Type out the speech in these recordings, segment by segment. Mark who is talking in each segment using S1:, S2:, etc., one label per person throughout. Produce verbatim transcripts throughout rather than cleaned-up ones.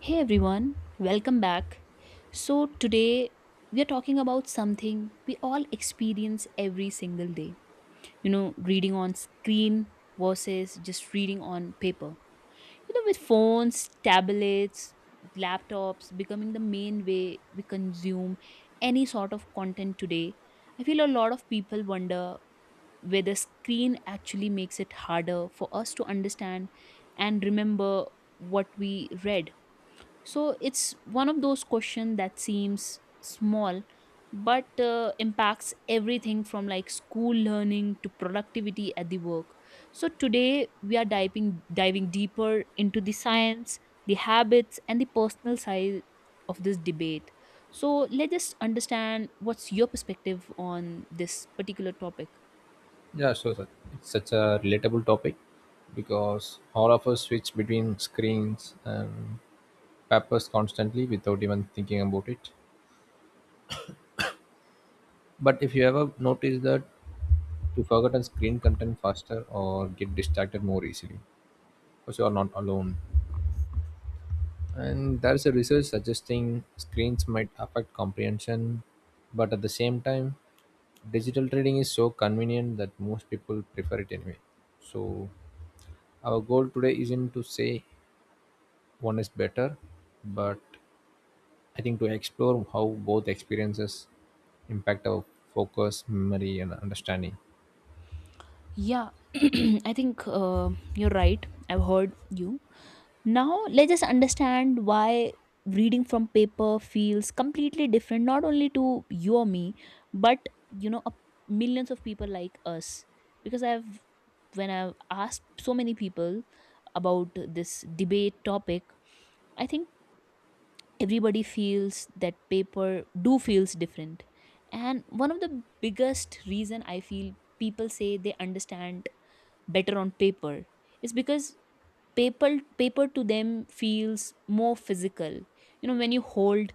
S1: Hey everyone, welcome back. So, today we are talking about something we all experience every single day. You know, reading on screen versus just reading on paper. You know, with phones, tablets, laptops becoming the main way we consume any sort of content today, I feel a lot of people wonder whether screen actually makes it harder for us to understand and remember what we read. So it's one of those questions that seems small but uh, impacts everything from like school learning to productivity at the work. So today we are diving diving deeper into the science, the habits and the personal side of this debate. So let's just understand what's your perspective on this particular topic.
S2: Yeah, sure, sir. It's such a relatable topic because all of us switch between screens and papers constantly without even thinking about it. But if you ever notice that you forgotten screen content faster or get distracted more easily because you are not alone. And there's a research suggesting screens might affect comprehension, but at the same time, digital trading is so convenient that most people prefer it anyway. So our goal today isn't to say one is better but I think to explore how both experiences impact our focus memory and understanding
S1: Yeah, I think uh, you're right. I've heard you. Now, let's just understand why reading from paper feels completely different, not only to you or me, but you know, a- millions of people like us. Because I've, when I've asked so many people about this debate topic, I think everybody feels that paper do feels different. And one of the biggest reason I feel people say they understand better on paper is because paper paper to them feels more physical. You know when you hold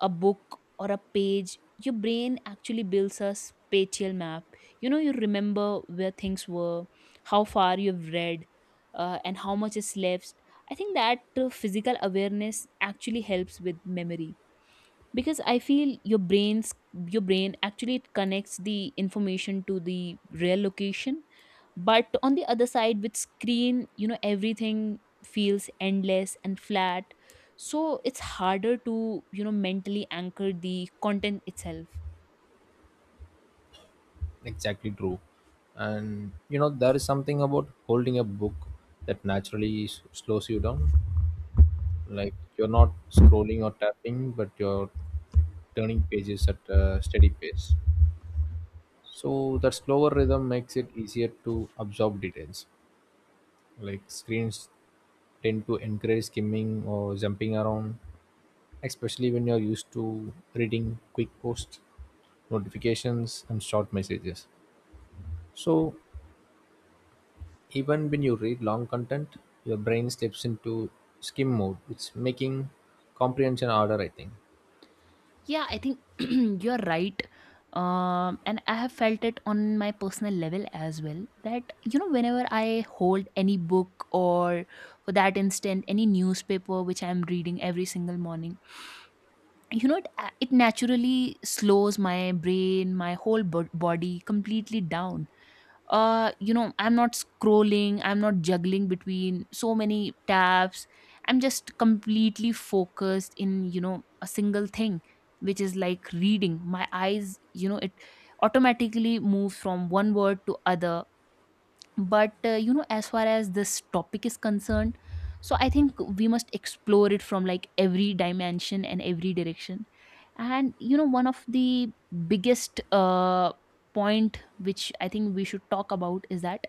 S1: a book or a page, your brain actually builds a spatial map. You know you remember where things were, how far you've read, uh, and how much is left. I think that uh, physical awareness actually helps with memory, because I feel your brains your brain actually, it connects the information to the real location. But on the other side, with screen, you know everything feels endless and flat, so it's harder to you know mentally anchor the content itself.
S2: exactly true. And you know there is something about holding a book that naturally s- slows you down, like you're not scrolling or tapping but you're, like, turning pages at a steady pace. So that slower rhythm makes it easier to absorb details, like screens tend to encourage skimming or jumping around, especially when you're used to reading quick posts, notifications, and short messages. So, even when you read long content, your brain slips into skim mode, it's making comprehension harder, I think.
S1: Yeah, I think you're right. Um, and I have felt it on my personal level as well, that, you know, whenever I hold any book or, for that instant, any newspaper which I'm reading every single morning, you know, it, uh, it naturally slows my brain, my whole bo- body completely down. Uh you know i'm not scrolling, I'm not juggling between so many tabs. I'm just completely focused in you know a single thing, which is like reading. My eyes, you know it automatically moves from one word to other. But uh, you know as far as this topic is concerned, so I think we must explore it from like every dimension and every direction. And you know one of the biggest uh, point which I think we should talk about is that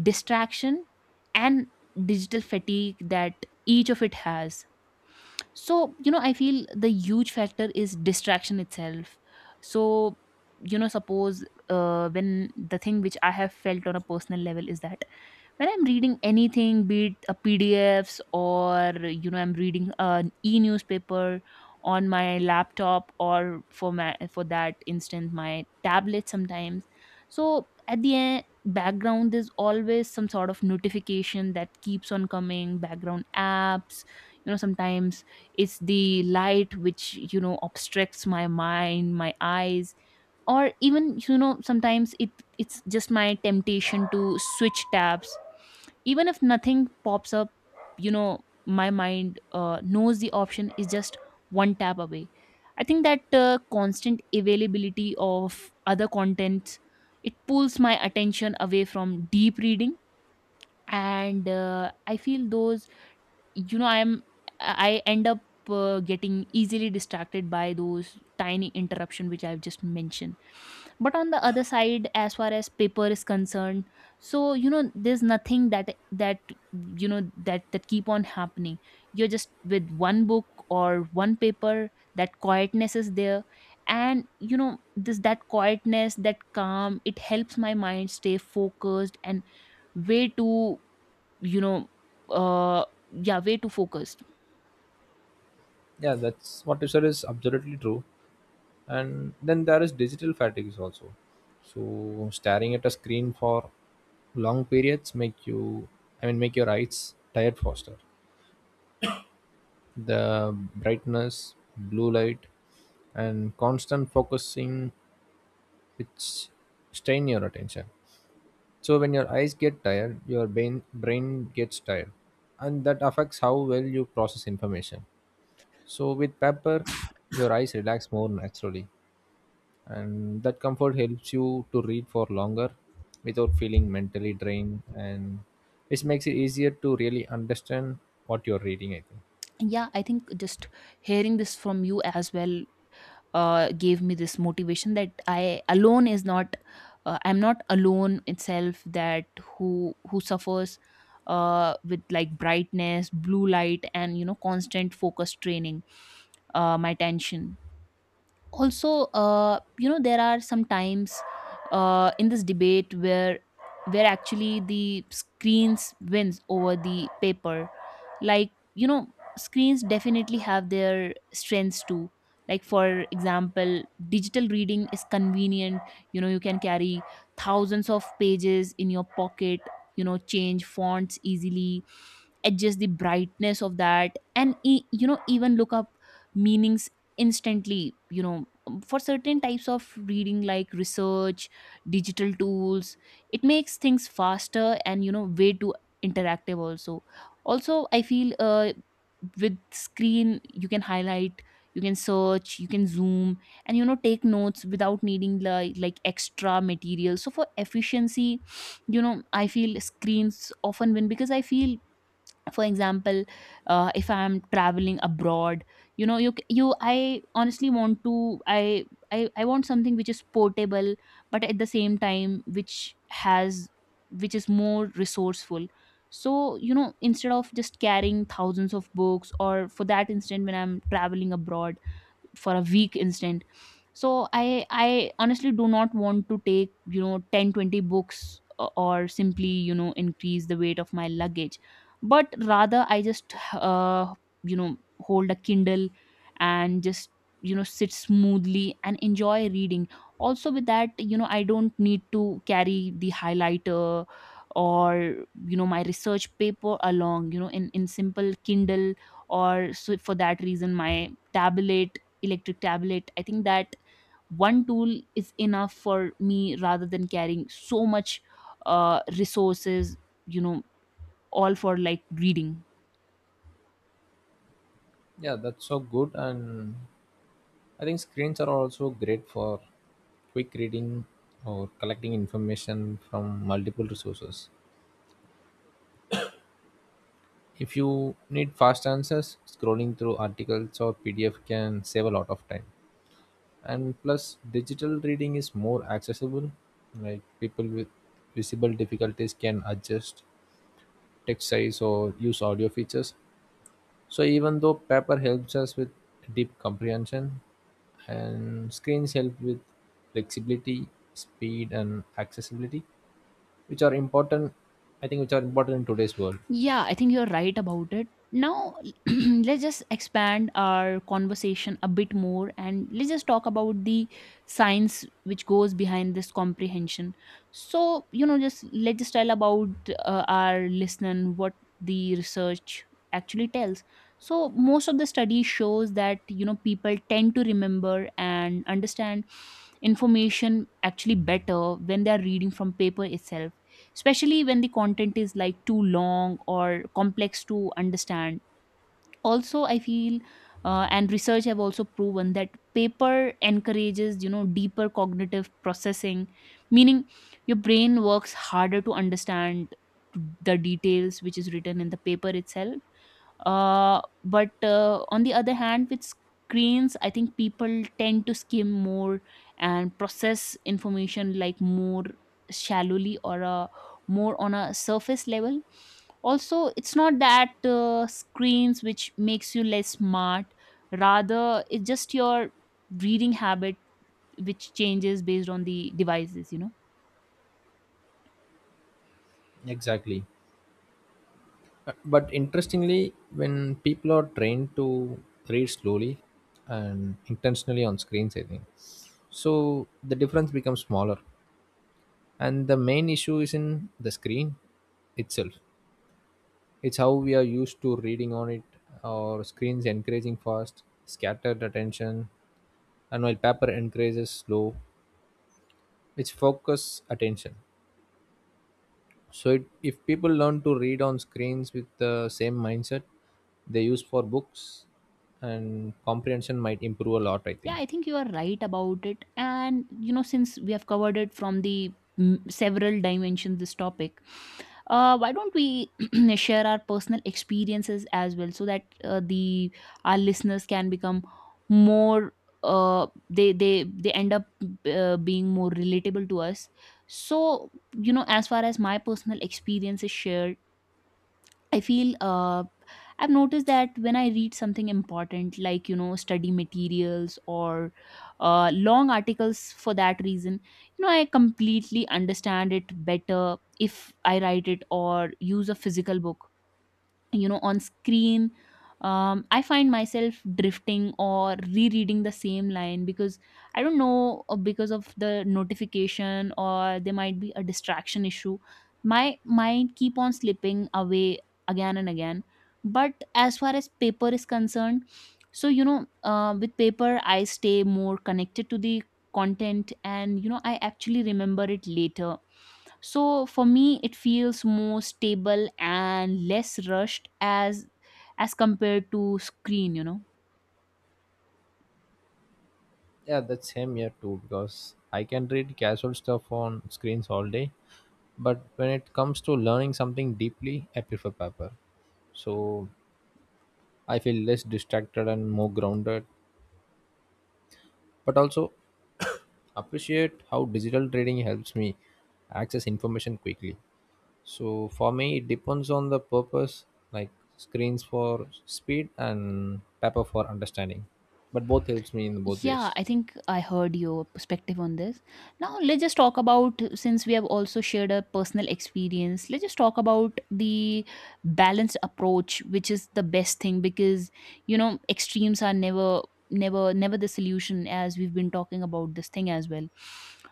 S1: distraction and digital fatigue that each of it has. So you know I feel the huge factor is distraction itself. So you know suppose, uh, when, the thing which I have felt on a personal level is that when I'm reading anything, be it a PDFs or you know I'm reading an e-newspaper on my laptop or for my for that instance my tablet sometimes. So at the end, background, there's always some sort of notification that keeps on coming, background apps. You know sometimes it's the light which you know obstructs my mind, my eyes, or even you know sometimes it it's just my temptation to switch tabs, even if nothing pops up. you know my mind uh, knows the option is just one tap away. I think that uh, constant availability of other contents, it pulls my attention away from deep reading. And uh, I feel those, you know i'm I end up uh, getting easily distracted by those tiny interruption which I've just mentioned. But on the other side, as far as paper is concerned, so you know there's nothing that that you know that that keep on happening. You're just with one book or one paper. That quietness is there. And you know this, that quietness, that calm, it helps my mind stay focused and way too, you know uh yeah, way too focused.
S2: Yeah, that's what you said is absolutely true. And then there is digital fatigue also. So staring at a screen for long periods make you, I mean, make your eyes tired faster. The brightness, blue light, and constant focusing which strain your attention. So when your eyes get tired, your brain brain gets tired, and that affects how well you process information. So with paper, your eyes relax more naturally, and that comfort helps you to read for longer without feeling mentally drained, and which makes it easier to really understand what you're reading, I think.
S1: Yeah, I think just hearing this from you as well uh, gave me this motivation that I alone is not, uh, I'm not alone itself, that who who suffers uh, with like brightness, blue light, and you know constant focus training uh, my attention. Also, uh, you know there are some times, uh, in this debate, where where actually the screens wins over the paper. Like you know screens definitely have their strengths too. Like for example, digital reading is convenient. You know you can carry thousands of pages in your pocket, you know change fonts easily, adjust the brightness of that, and e- you know even look up meanings instantly. You know um, for certain types of reading like research, digital tools, it makes things faster and you know way too interactive also. Also I feel uh, with screen you can highlight, you can search, you can zoom, and you know take notes without needing like like extra material. So for efficiency, you know I feel screens often win. Because I feel, for example, uh, if I'm traveling abroad, you know you c- you, I honestly want to, I, I i want something which is portable but at the same time which has which is more resourceful. So you know instead of just carrying thousands of books, or for that instant, when I'm traveling abroad for a weak instant, so i i honestly do not want to take you know ten twenty books, o- or simply you know increase the weight of my luggage, but rather I just uh, you know hold a Kindle and just you know sit smoothly and enjoy reading. Also with that, you know I don't need to carry the highlighter, or you know my research paper along, you know in in simple kindle, or so for that reason, my tablet, electric tablet, I think that one tool is enough for me, rather than carrying so much uh, resources, you know all for like reading.
S2: Yeah, that's so good. And I think screens are also great for quick reading or collecting information from multiple resources. If you need fast answers, scrolling through articles or P D F can save a lot of time. And plus, digital reading is more accessible. Like people with visible difficulties can adjust text size or use audio features. So even though paper helps us with deep comprehension, and screens help with flexibility, speed, and accessibility, which are important. I think which are important in today's world.
S1: Yeah, I think you're right about it. Now, let's just expand our conversation a bit more and let's just talk about the science which goes behind this comprehension. So, you know, just let's just tell about uh, our listener what the research actually tells. So, most of the study shows that, you know, people tend to remember and understand information actually better when they are reading from paper itself, especially when the content is like too long or complex to understand. Also I feel, uh, and research have also proven that paper encourages you know deeper cognitive processing, meaning your brain works harder to understand the details which is written in the paper itself. Uh, but uh, on the other hand, with screens, I think people tend to skim more and process information like more shallowly, or uh, more on a surface level. Also, it's not that uh, screens which makes you less smart. Rather, it's just your reading habit which changes based on the devices. You know.
S2: Exactly. Uh, But interestingly, when people are trained to read slowly and intentionally on screens, I think so the difference becomes smaller. And the main issue is in the screen itself. It's how we are used to reading on it. Our screens encouraging fast, scattered attention, and while paper encourages slow, which focus attention. So, it, if people learn to read on screens with the same mindset they use for books, and comprehension might improve a lot, I
S1: Yeah,
S2: think.
S1: I think you are right about it. And you know, since we have covered it from the, mm, several dimensions, this topic, uh, why don't we share our personal experiences as well, so that uh, the our listeners can become more, uh, they they they end up uh, being more relatable to us. So you know as far as my personal experience is shared, I feel uh, I've noticed that when I read something important, like you know, study materials, or uh, long articles for that reason, you know, I completely understand it better if I write it or use a physical book. You know on screen, um, I find myself drifting or rereading the same line because I don't know, uh, because of the notification or there might be a distraction issue. My mind keep on slipping away again and again. But as far as paper is concerned, so you know uh, with paper I stay more connected to the content, and you know I actually remember it later. So for me it feels more stable and less rushed as as compared to screen you know
S2: Yeah, that's same here too, because I can read casual stuff on screens all day, but when it comes to learning something deeply, I prefer paper. So, I feel less distracted and more grounded, but also appreciate how digital trading helps me access information quickly. So for me, it depends on the purpose, like screens for speed and paper for understanding. But both helps me in both
S1: Yeah,
S2: ways.
S1: I think I heard your perspective on this. Now, let's just talk about, since we have also shared a personal experience, let's just talk about the balanced approach, which is the best thing, because you know, extremes are never never never the solution, as we've been talking about this thing as well.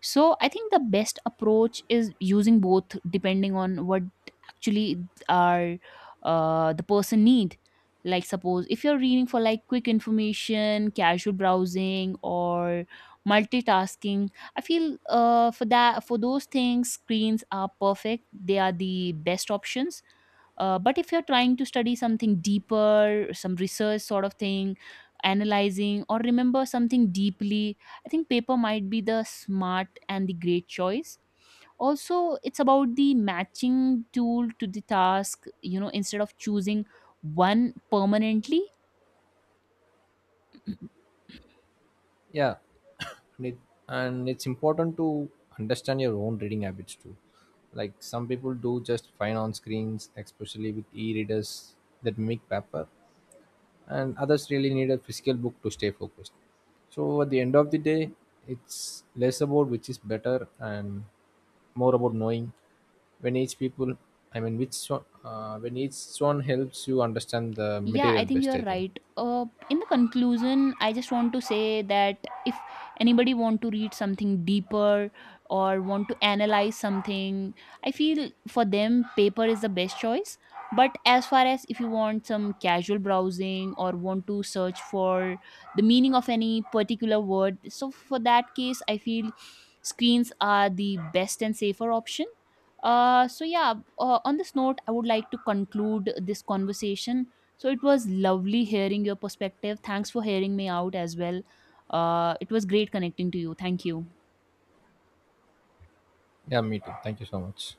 S1: So, I think the best approach is using both depending on what actually are uh, the person need. Like suppose if you're reading for like quick information, casual browsing, or multitasking, I feel, uh, for that for those things, screens are perfect, they are the best options. Uh, but if you're trying to study something deeper, some research sort of thing, analyzing or remember something deeply, I think paper might be the smart and the great choice. Also, it's about the matching tool to the task, you know, instead of choosing one permanently.
S2: Yeah, and, it, and it's important to understand your own reading habits too. Like some people do just fine on screens, especially with e-readers that mimic paper. And others really need a physical book to stay focused. So at the end of the day it's less about which is better and more about knowing when each people, I mean which one, uh, when each one helps you understand the
S1: Yeah, I
S2: material
S1: think
S2: best,
S1: you're
S2: I think.
S1: right. Uh, in the conclusion, I just want to say that if anybody want to read something deeper or want to analyze something, I feel for them paper is the best choice. But as far as if you want some casual browsing or want to search for the meaning of any particular word, so for that case, I feel screens are the best and safer option. Uh, so yeah, uh, on this note, I would like to conclude this conversation. So it was lovely hearing your perspective. Thanks for hearing me out as well. Uh, it was great connecting to you. Thank you.
S2: Yeah, me too, thank you so much.